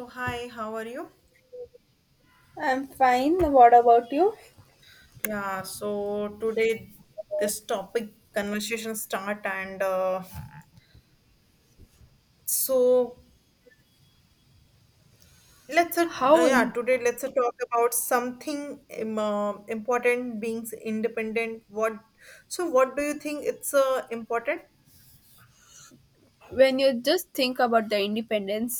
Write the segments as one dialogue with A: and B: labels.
A: So hi, how are you?
B: I'm fine. What about you?
A: Yeah, so today this topic conversation start and so let's
B: How,
A: yeah
B: im-
A: today let's talk about something important being independent. What so what do you think it's important?
B: when you just think about the independence,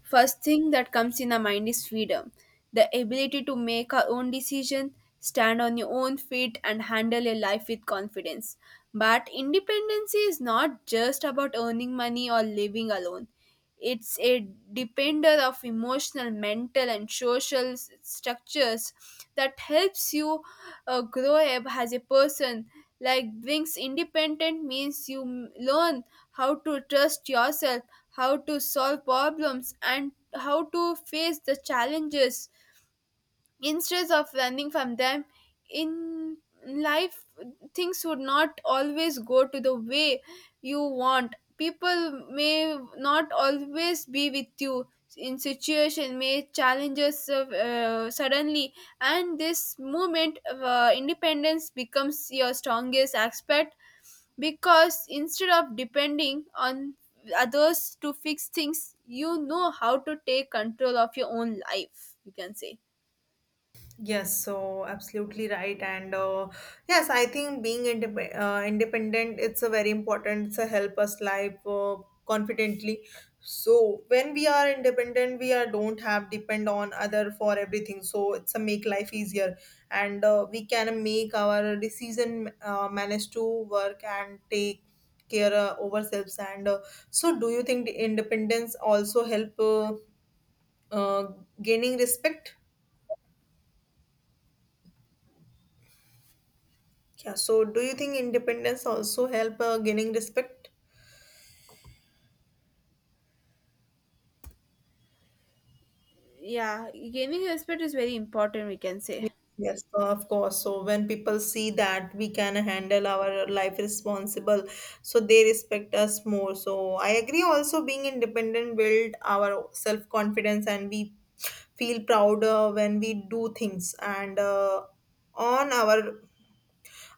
B: first thing that comes in the mind is freedom, the ability to make our own decision, stand on your own feet, and handle your life with confidence. But independence is not just about earning money or living alone. It's a depender of emotional, mental, and social structures that helps you grow up as a person. Like brings independent means you learn how to trust yourself, how to solve problems, and how to face the challenges instead of running from them in life, things would not always go to the way you want. People may not always be with you. In situation may challenges suddenly, and this movement of independence becomes your strongest aspect, because instead of depending on others to fix things, you know how to take control of your own life, you can say.
A: Yes, so absolutely right. I think being independent, it's a very important. It's a help us live confidently. So when we are independent, we are don't have depend on other for everything. So it's a make life easier, and we can make our decision, manage to work and take care ourselves. And so, do you think the independence also help uh, gaining respect? Yeah, so do you think independence also help gaining respect?
B: Yeah, gaining respect is very important, we can
A: Yes,
B: say.
A: yes, of course. So when people see that we can handle our life responsible, so they respect us more. So I agree, also being independent build our self-confidence and we feel proud when we do things and on our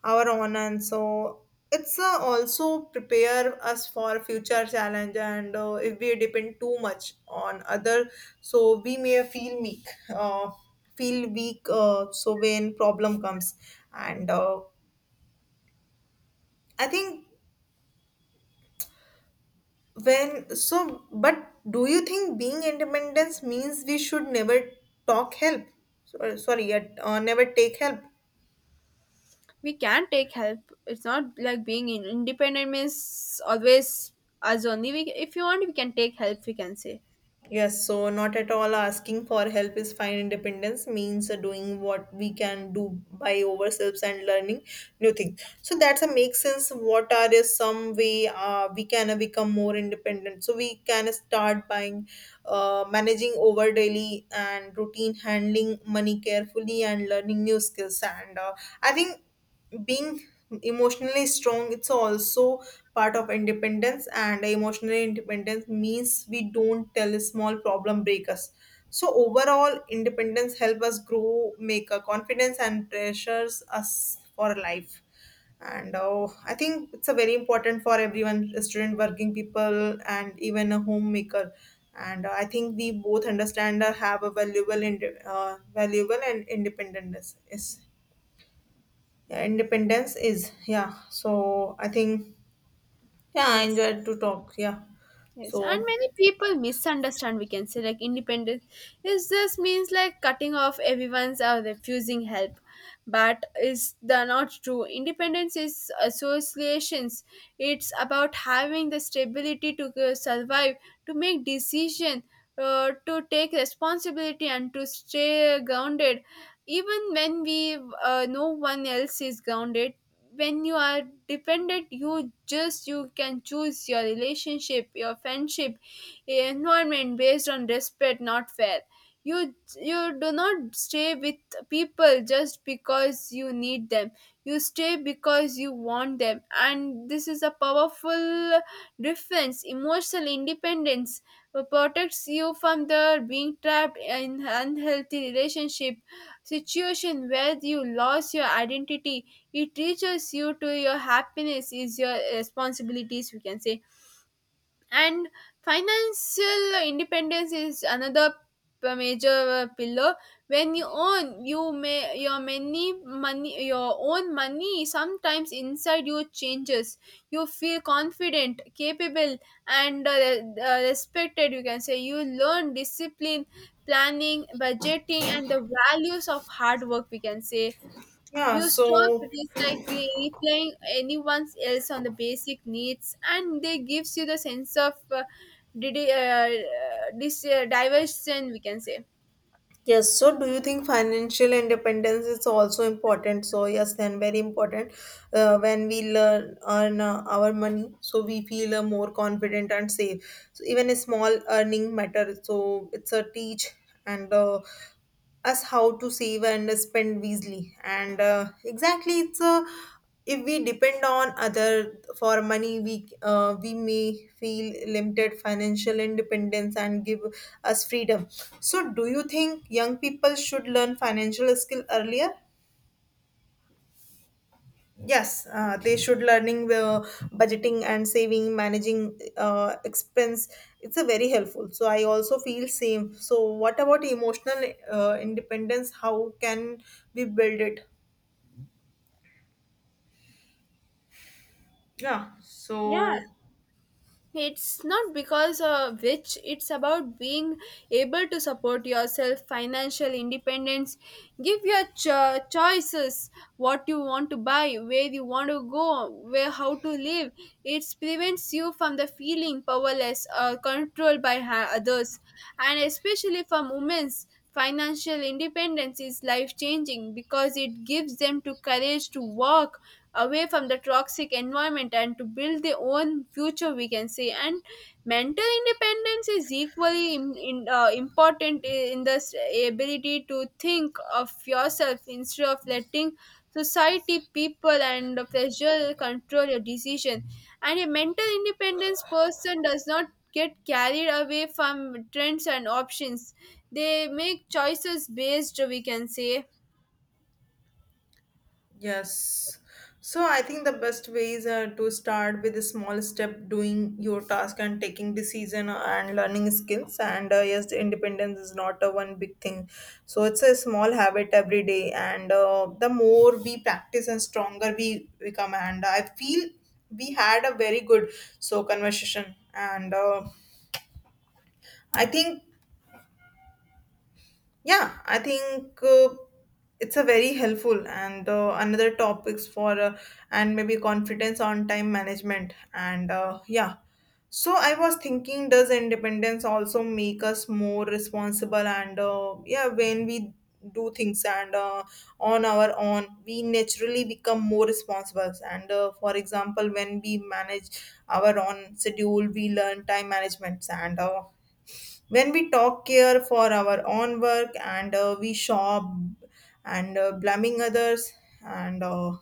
A: our own, and so it's also prepare us for future challenge, and if we depend too much on other, so we may feel weak, uh, so when problem comes and I think when so but do you think being independence means we should never talk help? So, sorry, never take help.
B: We can take help. It's not like being independent means always us only we, if you want we can take help, we can say.
A: Yes, so not at all, asking for help is fine. Independence means doing what we can do by ourselves and learning new things. So that's a make sense. What are is some way we can become more independent? So we can start buying, managing over daily and routine, handling money carefully, and learning new skills. And I think being emotionally strong, it's also part of independence, and emotional independence means we don't tell a small problem break us. So overall, independence help us grow, make a confidence and pressures us for life. And I think it's a very important for everyone, student, working people, and even a homemaker. And I think we both understand or have a valuable valuable and independence. Yes. Yeah, independence is, yeah. So I think, yeah, I
B: Yes.
A: enjoyed to talk. Yeah.
B: Yes, and
A: So
B: many people misunderstand. We can say like independence is just means like cutting off everyone's or refusing help, but is the not true. Independence is associations. It's about having the stability to go survive, to make decision, to take responsibility, and to stay grounded. Even when we No one else is grounded. When you are dependent you just you can choose your relationship, your friendship, environment based on respect not fair. You do not stay with people just because you need them. You stay because you want them, and this is a powerful difference. Emotional independence protects you from the being trapped in unhealthy relationship situation where you lost your identity. It teaches you to your happiness is your responsibilities, we can say. And financial independence is another major pillar. When you own you may your many money your own money, sometimes inside you changes. You feel confident, capable, and respected, you can say. You learn discipline, planning, budgeting, and the values of hard work, we can say.
A: yeah,
B: You stop
A: so
B: recycling, replying anyone else on the basic needs, and they gives you the sense of did, this diversion, we can say.
A: yes. So do you think financial independence is also important? So yes, then very important. When we learn earn our money, so we feel more confident and safe. So even a small earning matter. So it's a teach and. Us how to save and spend wisely, and exactly it's a if we depend on other for money, we may feel limited. Financial independence and give us freedom. So do you think young people should learn financial skill earlier? Yes, they should learning budgeting and saving, managing expense. It's a very helpful. So I also feel same. So what about emotional independence? How can we build it? Yeah,
B: Yeah,
A: so
B: It's not because of which, it's about being able to support yourself. Financial independence give your choices what you want to buy, where you want to go, where how to live. It prevents you from the feeling powerless or controlled by others. And especially for women's, financial independence is life changing, because it gives them to courage to work away from the toxic environment and to build their own future, we can say. And mental independence is equally important in this ability to think of yourself instead of letting society, people, and the pressure control your decision. And a mental independence person does not get carried away from trends and options. They make choices based, we can say.
A: Yes. So I think the best ways are to start with a small step, doing your task and taking decision and learning skills. And yes, independence is not a one big thing. So it's a small habit every day. And the more we practice and stronger we become. And I feel we had a very good so conversation. And I think, yeah, I think it's a very helpful. And another topics for and maybe confidence on time management and yeah. So I was thinking, does independence also make us more responsible? And yeah, when we do things and on our own, we naturally become more responsible. And for example, when we manage our own schedule, we learn time management. And when we talk here for our own work, and we shop, and blaming others, and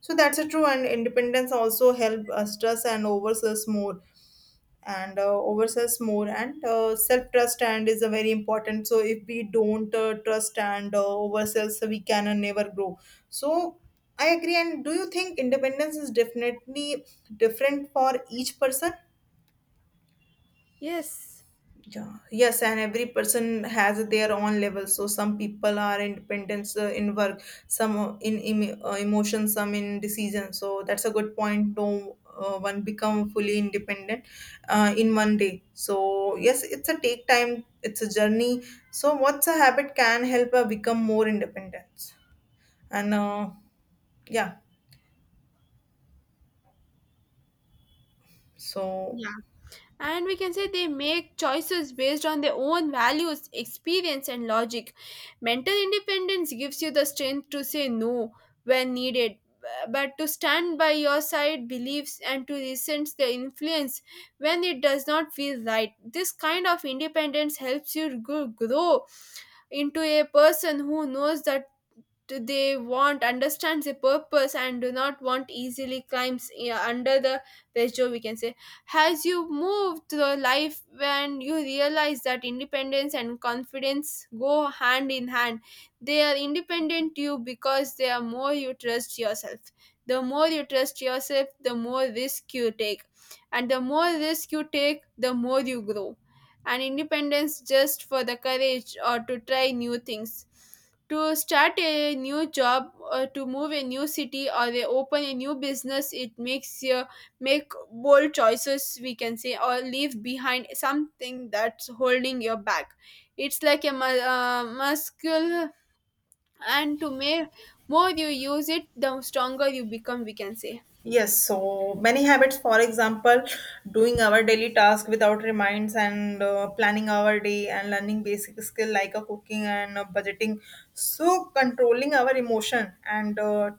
A: so that's a true. And independence also help us trust and overstress more, and self trust and is a very important. So if we don't trust and overstress, we can never grow. So I agree. And do you think independence is definitely different for each person?
B: Yes.
A: Yeah, yes, and every person has their own level. So some people are independent in work, some in emotion, some in decision. So that's a good point. No one become fully independent in one day. So yes, it's a take time. It's a journey. So what's a habit can help become more independent? And yeah, so
B: Yeah, and we can say they make choices based on their own values, experience, and logic. Mental independence gives you the strength to say no when needed, but to stand by your side beliefs and to resent the influence when it does not feel right. This kind of independence helps you grow into a person who knows that they want, understands a purpose, and do not want easily climbs, yeah, under the pressure, we can say. As you move through life, when you realize that independence and confidence go hand in hand, they are independent you because they are more you trust yourself. The more you trust yourself, the more risk you take, and the more risk you take, the more you grow. And independence just for the courage or to try new things, to start a new job or to move a new city or they open a new business. It makes you make bold choices, we can say, or leave behind something that's holding you back. It's like a muscle, and to make more you use it, the stronger you become, we can say.
A: Yes, so many habits, for example, doing our daily task without reminds, and planning our day, and learning basic skill like a cooking, and budgeting. So controlling our emotion, and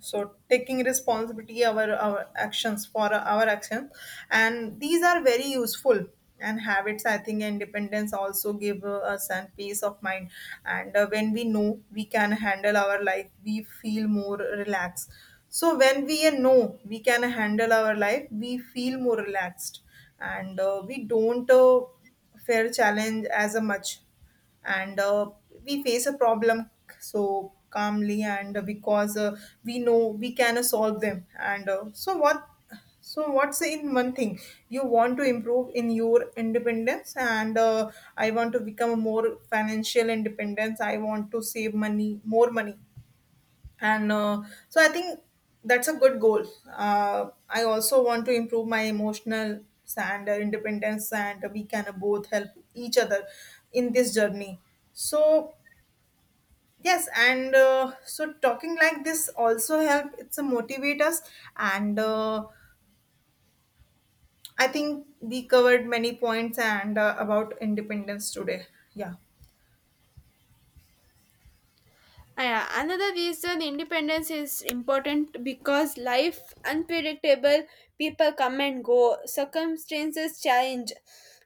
A: so taking responsibility our actions for our actions. And these are very useful and habits. I think independence also give us and peace of mind. And when we know we can handle our life, we feel more relaxed. So when we know we can handle our life we feel more relaxed and We don't fear challenge as a much, and we face a problem so calmly, and because we know we can solve them. And so what, so what's in one thing you want to improve in your independence? And I want to become a more financial independence. I want to save money, more money. And so I think that's a good goal. I also want to improve my emotional and independence, and we can both help each other in this journey. So yes. And so talking like this also help. It's a motivate us. And I think we covered many points and about independence today. Yeah,
B: Ah, yeah, another reason independence is important because life unpredictable. People come and go, circumstances change.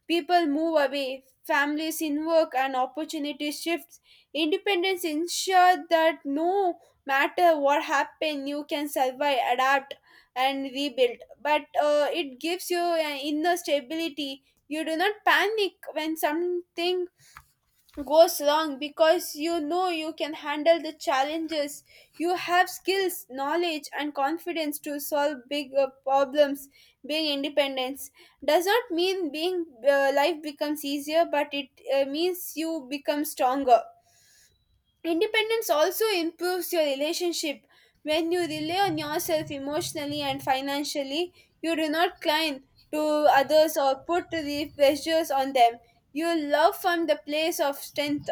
B: People move away, families in work and opportunities shifts. Independence ensure that no matter what happens, you can survive, adapt, and rebuild. But It gives you an inner stability. You do not panic when something goes wrong because you know you can handle the challenges. You have skills, knowledge, and confidence to solve big problems. Being independence does not mean being life becomes easier, but it means you become stronger. Independence also improves your relationship. When you rely on yourself emotionally and financially, you do not cling to others or put the pressures on them. You love from the place of strength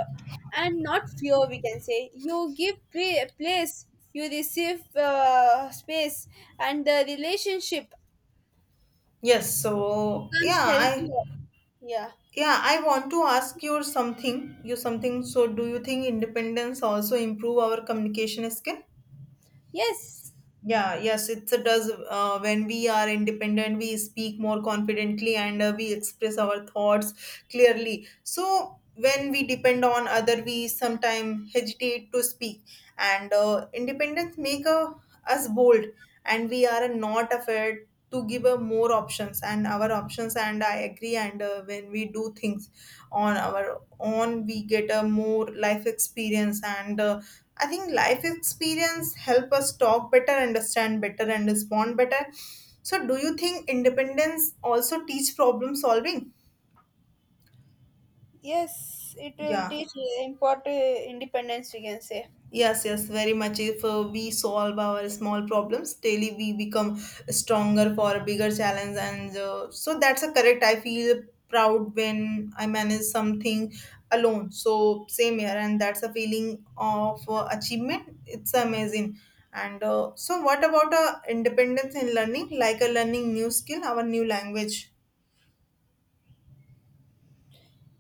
B: and not fear, we can say. You give place, you receive space, and the relationship
A: yes, so
B: becomes
A: yeah, I.
B: healthier. Yeah.
A: Yeah, I want to ask you something. You something. So, do you think independence also improve our communication skill?
B: Yes.
A: Yeah, yes, it does. When we are independent, we speak more confidently, and we express our thoughts clearly. So when we depend on other, we sometimes hesitate to speak. And independence make us bold, and we are not afraid to give more options and our options. And I agree. And when we do things on our own, we get a more life experience. And I think life experience help us talk better, understand better, and respond better. So do you think independence also teach problem solving?
B: Yes. It will
A: Yeah.
B: teach important independence, we can say.
A: Yes, yes, very much. If we solve our small problems daily, we become stronger for a bigger challenge. And so that's a correct. I feel proud when I manage something alone. So same here, and that's a feeling of achievement. It's amazing. And so, what about independence in learning, like a learning new skill, our new language?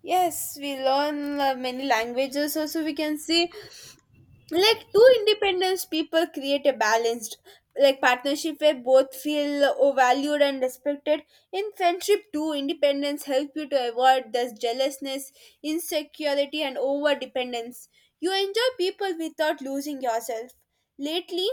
B: Yes, we learn many languages. Also, we can see like two independent people create a balanced like partnership where both feel valued and respected. In friendship, too, independence help you to avoid this jealousness, insecurity, and over dependence. You enjoy people without losing yourself. Lately,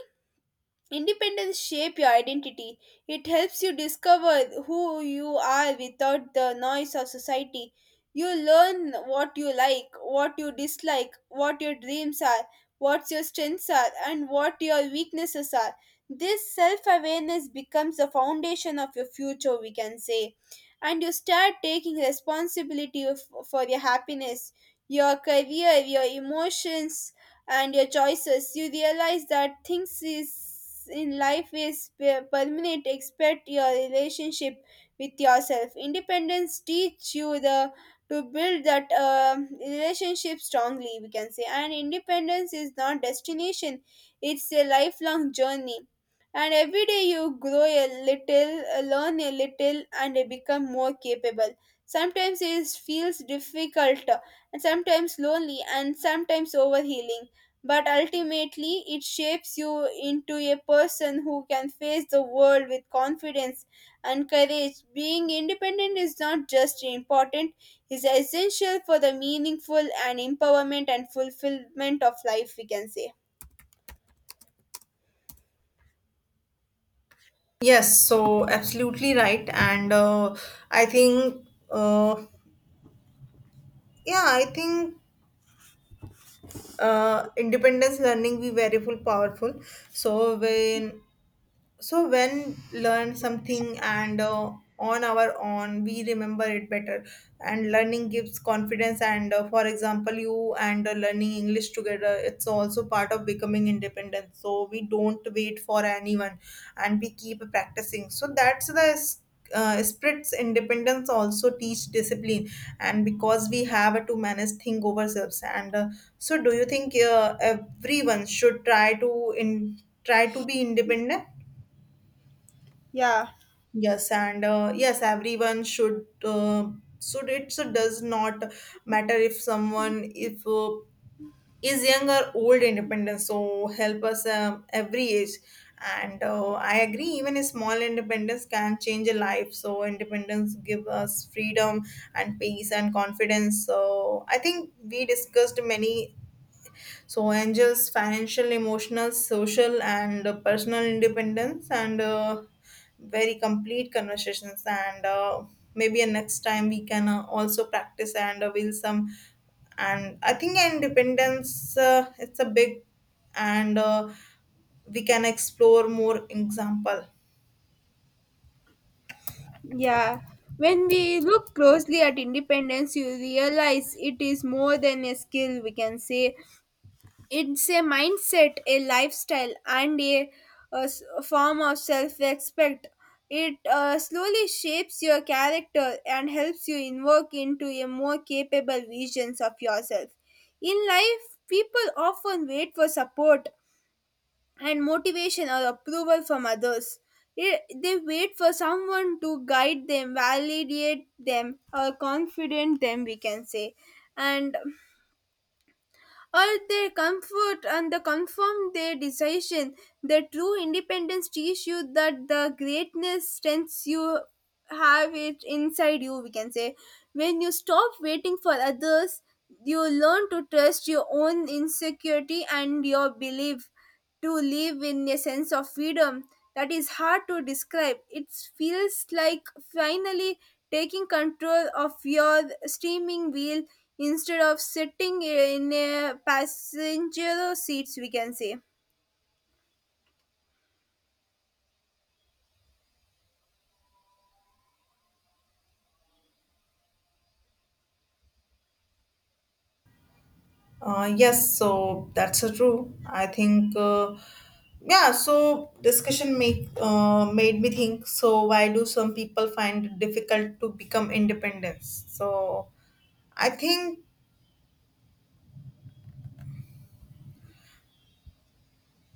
B: independence shape your identity. It helps you discover who you are without the noise of society. You learn what you like, what you dislike, what your dreams are, what your strengths are, and what your weaknesses are. This self awareness becomes the foundation of your future, we can say. And you start taking responsibility for your happiness, your career, your emotions, and your choices. You realize that things is in life is permanent except your relationship with yourself. Independence teach you the to build that relationship strongly, we can say. And independence is not destination, it's a lifelong journey, and every day you grow a little, learn a little, and become more capable. Sometimes it feels difficult, and sometimes lonely, and sometimes overhealing, but ultimately it shapes you into a person who can face the world with confidence and courage. Being independent is not just important, is essential for the meaningful and empowerment and fulfillment of life, we can say.
A: Yes, so absolutely right. And I think, uh, yeah, I think. Independence learning be very full powerful. so when so when learn something, and on our own, we remember it better, and learning gives confidence. And for example, you and learning english together, it's also part of becoming independent. So we don't wait for anyone, and we keep practicing. So that's the spirit's independence also teach discipline, and because we have to manage thing over ourselves. And so do you think everyone should try to in try to be independent?
B: Yeah,
A: Yes, and yes, everyone should. Should it. So does not matter if someone if is young or old. Independence so help us every age. And I agree, even a small independence can change a life. So independence give us freedom and peace and confidence. So I think we discussed many. So angels, financial, emotional, social, and personal independence and. Very complete conversations. And maybe next time we can also practice, and will some. And I think independence it's a big, and we can explore more example.
B: yeah. When we look closely at independence, you realize it is more than a skill, we can say. It's a mindset, a lifestyle, and a form of self respect. It slowly shapes your character and helps you invoke into a more capable visions of yourself. In life, people often wait for support and motivation or approval from others. It, they wait for someone to guide them, validate them, or confident them, we can say. And all their comfort and the confirm their decision. The true independence teach you that the greatness strengths you have it inside you, we can say. When you stop waiting for others, you learn to trust your own insecurity and your belief to live in a sense of freedom that is hard to describe. It feels like finally taking control of your steaming wheel instead of sitting in a passenger seats, we can say.
A: Yes, so that's true. I think yeah, so discussion make made me think, so why do some people find it difficult to become independent? So I think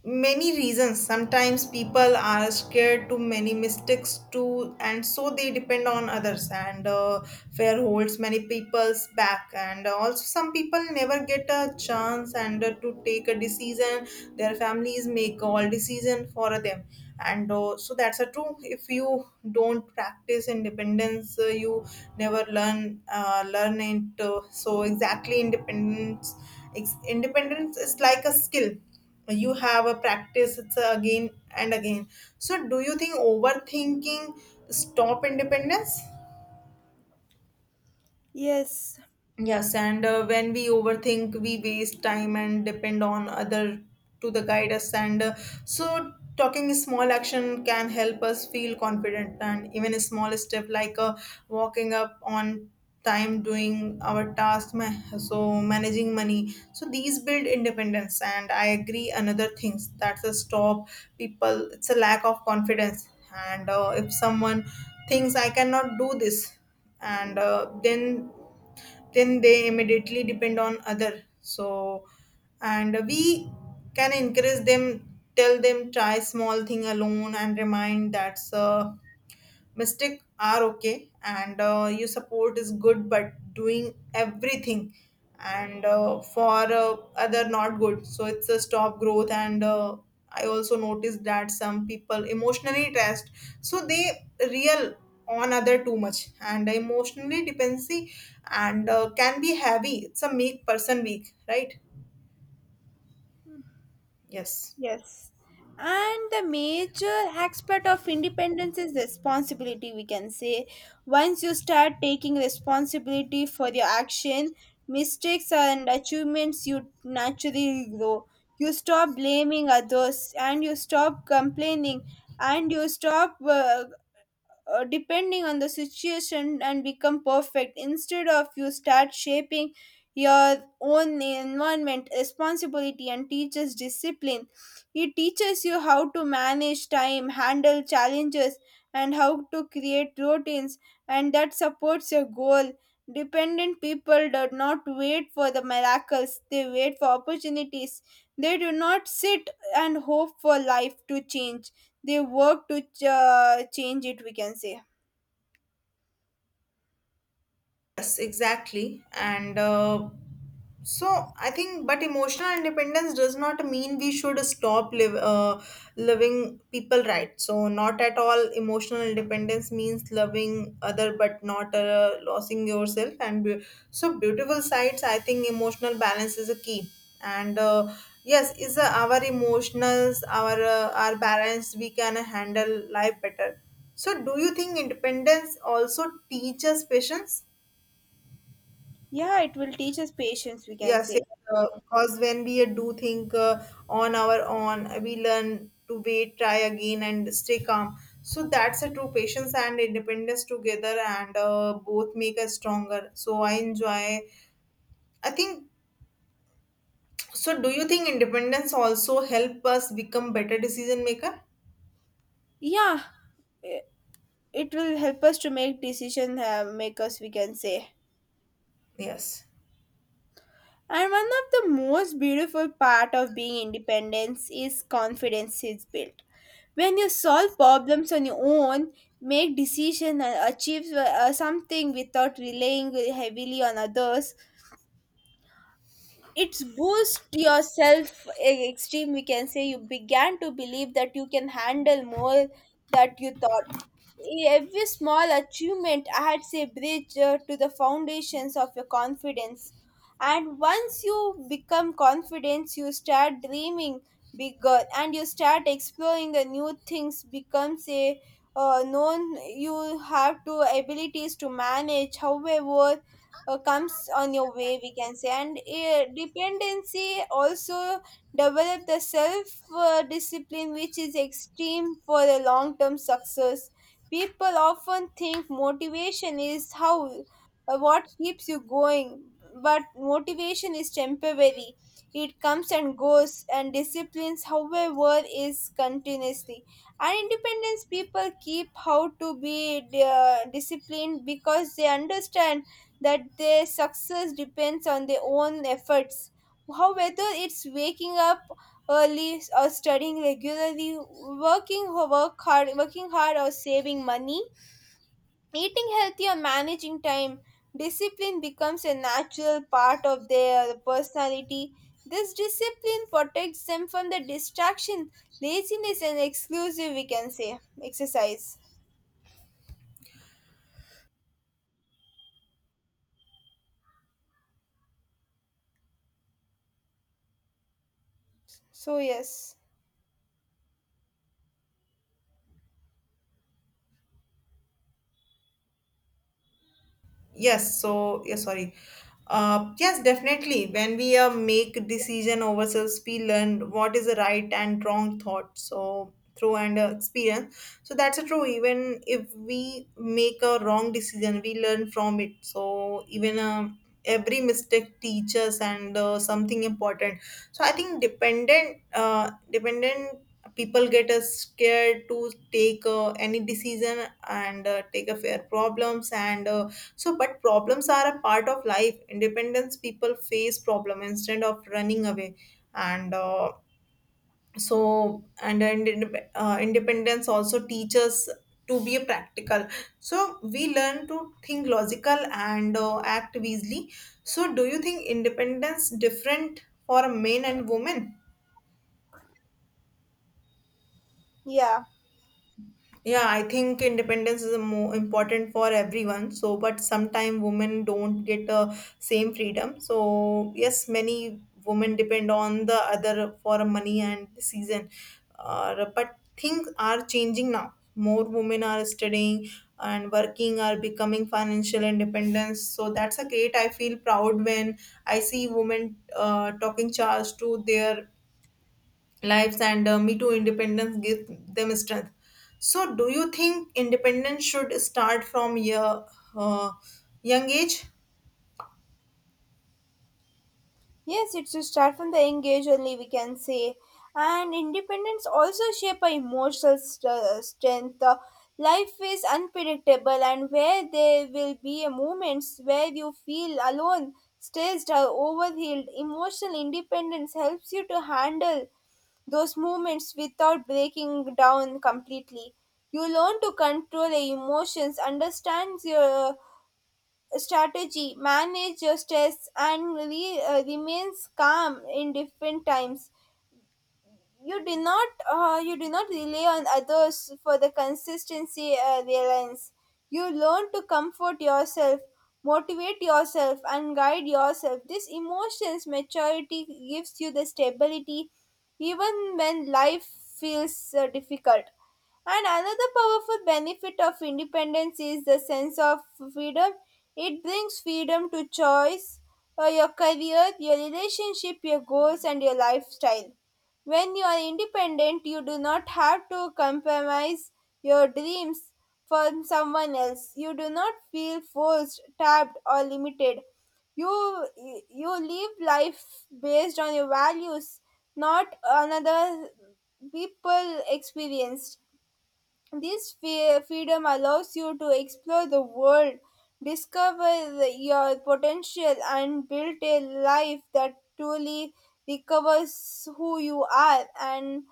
A: many reasons. Sometimes people are scared to many mistakes too, and so they depend on others. And fear holds many people's back, and also some people never get a chance and to take a decision. Their families make all decision for them. And so that's a true. If you don't practice independence, you never learn learn it. So exactly independence independence is like a skill. You have a practice it's a again and again. So do you think overthinking stop independence?
B: Yes.
A: Yes, and when we overthink, we waste time and depend on other to the guide us. And so, talking small action can help us feel confident. And even a small step like walking up on time, doing our task, so managing money. So these build independence. And I agree. Another things that's a stop people. It's a lack of confidence. And if someone thinks I cannot do this, and then they immediately depend on other. So and we can encourage them, tell them try small thing alone and remind that's a mistakes are okay, and your support is good but doing everything and for other not good, so it's a stop growth. And I also noticed that some people emotionally test, so they real on other too much, and emotionally dependency, and can be heavy, it's a make person weak, right? Yes.
B: Yes. And the major aspect of independence is responsibility, we can say. Once you start taking responsibility for your action, mistakes and achievements, you naturally grow. You stop blaming others and you stop complaining and you stop depending on the situation and become perfect. Instead of you start shaping your own environment, responsibility and teaches discipline. It teaches you how to manage time, handle challenges, and how to create routines, and that supports your goal. Dependent people do not wait for the miracles, they wait for opportunities. They do not sit and hope for life to change, they work to change it, we can say.
A: Yes, exactly. And so I think, but emotional independence does not mean we should stop loving people, right? So not at all. Emotional independence means loving other, but not losing yourself. So beautiful sides. I think emotional balance is a key. And yes, is our emotions, our balance, we can handle life better. So do you think independence also teaches patience?
B: Yeah, it will teach us patience, we can
A: Yes,
B: say.
A: yes, because when we do think on our own, we learn to wait, try again, and stay calm. So that's a true patience and independence together, and both make us stronger. So I enjoy. I think so. Do you think independence also help us become better decision maker?
B: Yeah, i- it will help us to make decision makers, we can say.
A: Yes.
B: And one of the most beautiful part of being independence is confidence is built when you solve problems on your own, make decision and achieve something without relying heavily on others. It's boost your self e- We can say you began to believe that you can handle more that you thought. Every small achievement adds a bridge to the foundations of your confidence. And once you become confident, you start dreaming bigger and you start exploring the new things becomes a known you have to abilities to manage however comes on your way, we can say, and dependency also develop the self discipline, which is extreme for a long term success. People often think motivation is how what keeps you going, but motivation is temporary. It comes and goes, and disciplines however is continuously. And independence people keep how to be disciplined because they understand that their success depends on their own efforts. However, it's waking up early or studying regularly, working or work hard, working hard or saving money, eating healthy or managing time. Discipline becomes a natural part of their personality. This discipline protects them from the distraction, laziness, and exclusive, we can say, exercise. So, yes.
A: Yes, so yeah, sorry. Yes, definitely. When we make decision ourselves, we learn what is the right and wrong thought. So through and experience. So that's a true. Even if we make a wrong decision, we learn from it. So even every mistake teaches and something important. So I think dependent people get scared to take any decision and take a fair problems and. So, but problems are a part of life. Independence people face problem instead of running away, and so independence also teaches to be a practical. So we learn to think logical and act wisely. So, do you think independence different for men and women?
B: Yeah.
A: Yeah, I think independence is a more important for everyone. So, but sometimes women don't get same freedom. So, yes, many women depend on the other for money and season. But things are changing now. More women are studying and working are becoming financial independence. So that's a great. I feel proud when I see women talking charge to their lives, and me too independence gives them strength. So do you think independence should start from your uh, young age?
B: Yes, it's to start from the engage only, we can say. And independence also shape our emotional strength. Life is unpredictable, and where there will be a moments where you feel alone, stressed, or overwhelmed. Emotional independence helps you to handle those moments without breaking down completely. You learn to control your emotions, understand your strategy, manage stress, and remains calm in different times. You do not rely on others for the consistency reliance. You learn to comfort yourself, motivate yourself, and guide yourself. This emotions maturity gives you the stability even when life feels difficult. And another powerful benefit of independence is the sense of freedom. It brings freedom to choice, your career, your relationship, your goals, and your lifestyle. When you are independent, you do not have to compromise your dreams for someone else. You do not feel forced, trapped, or limited. You you live life based on your values, not another people experienced. This freedom allows you to explore the world, discover your potential, and build a life that truly recovers who you are. And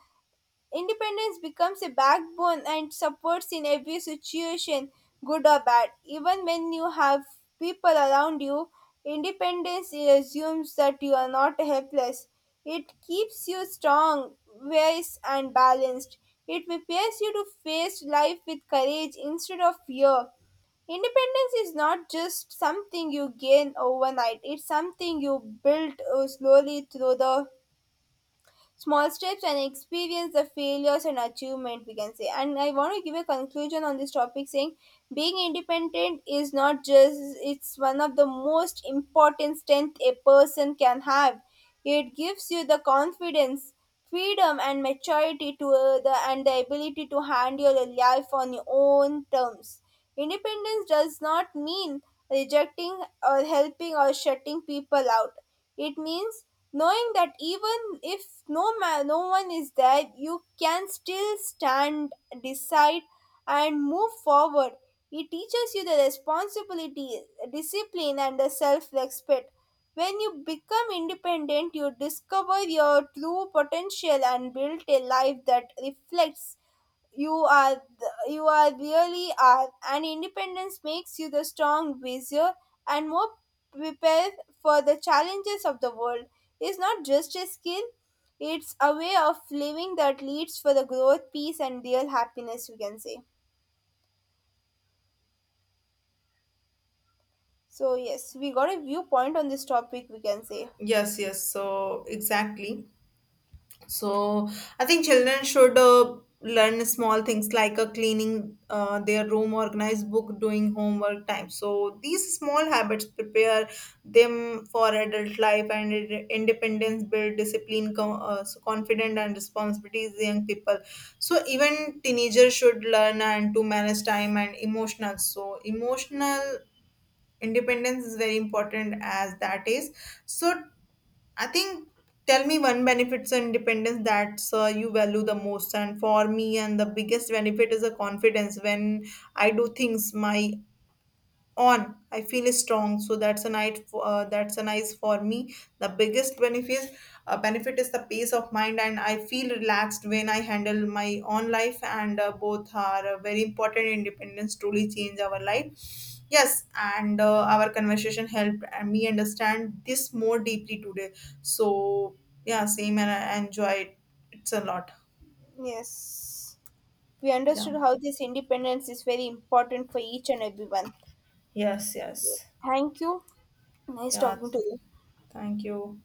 B: independence becomes a backbone and supports in every situation, good or bad. Even when you have people around you, independence assumes that you are not helpless. It keeps you strong, wise, and balanced. It prepares you to face life with courage instead of fear. Independence is not just something you gain overnight; it's something you build slowly through the small steps and experience the failures and achievement, we can say. And I want to give a conclusion on this topic, saying being independent is not just, it's one of the most important strength a person can have. It gives you the confidence, freedom, and maturity to the ability to handle your life on your own terms. Independence does not mean rejecting or helping or shutting people out. It means knowing that even if no man, no one is there, you can still stand, decide, and move forward. It teaches you the responsibility, discipline, and the self-respect. When you become independent, you discover your true potential and build a life that reflects you are really are, and independence makes you the strong, wiser, and more prepared for the challenges of the world. It's not just a skill; it's a way of living that leads for the growth, peace, and real happiness. We can say. So yes, we got a viewpoint on this topic. We can say
A: Yes, yes, so exactly. So I think children should learn small things like cleaning their room, organize book, doing homework time. So these small habits prepare them for adult life and independence, build discipline, so confident and responsibilities. Young people, so even teenagers should learn and to manage time and emotional. So emotional independence is very important as that is, so I think tell me one benefits and independence that you value the most. And for me and the biggest benefit is the confidence. When I do things my own, I feel strong, so that's a night that's a nice for me. The biggest benefit is the peace of mind, and I feel relaxed when I handle my own life, and both are very important. Independence truly change our life. Yes, and our conversation helped me understand this more deeply today. So, yeah, same, and I enjoy it. It's a lot.
B: yes. We
A: Yeah.
B: understood how this independence is very important for each and everyone.
A: Yes, yes.
B: Thank you. Nice
A: Yeah.
B: talking to you.
A: Thank you.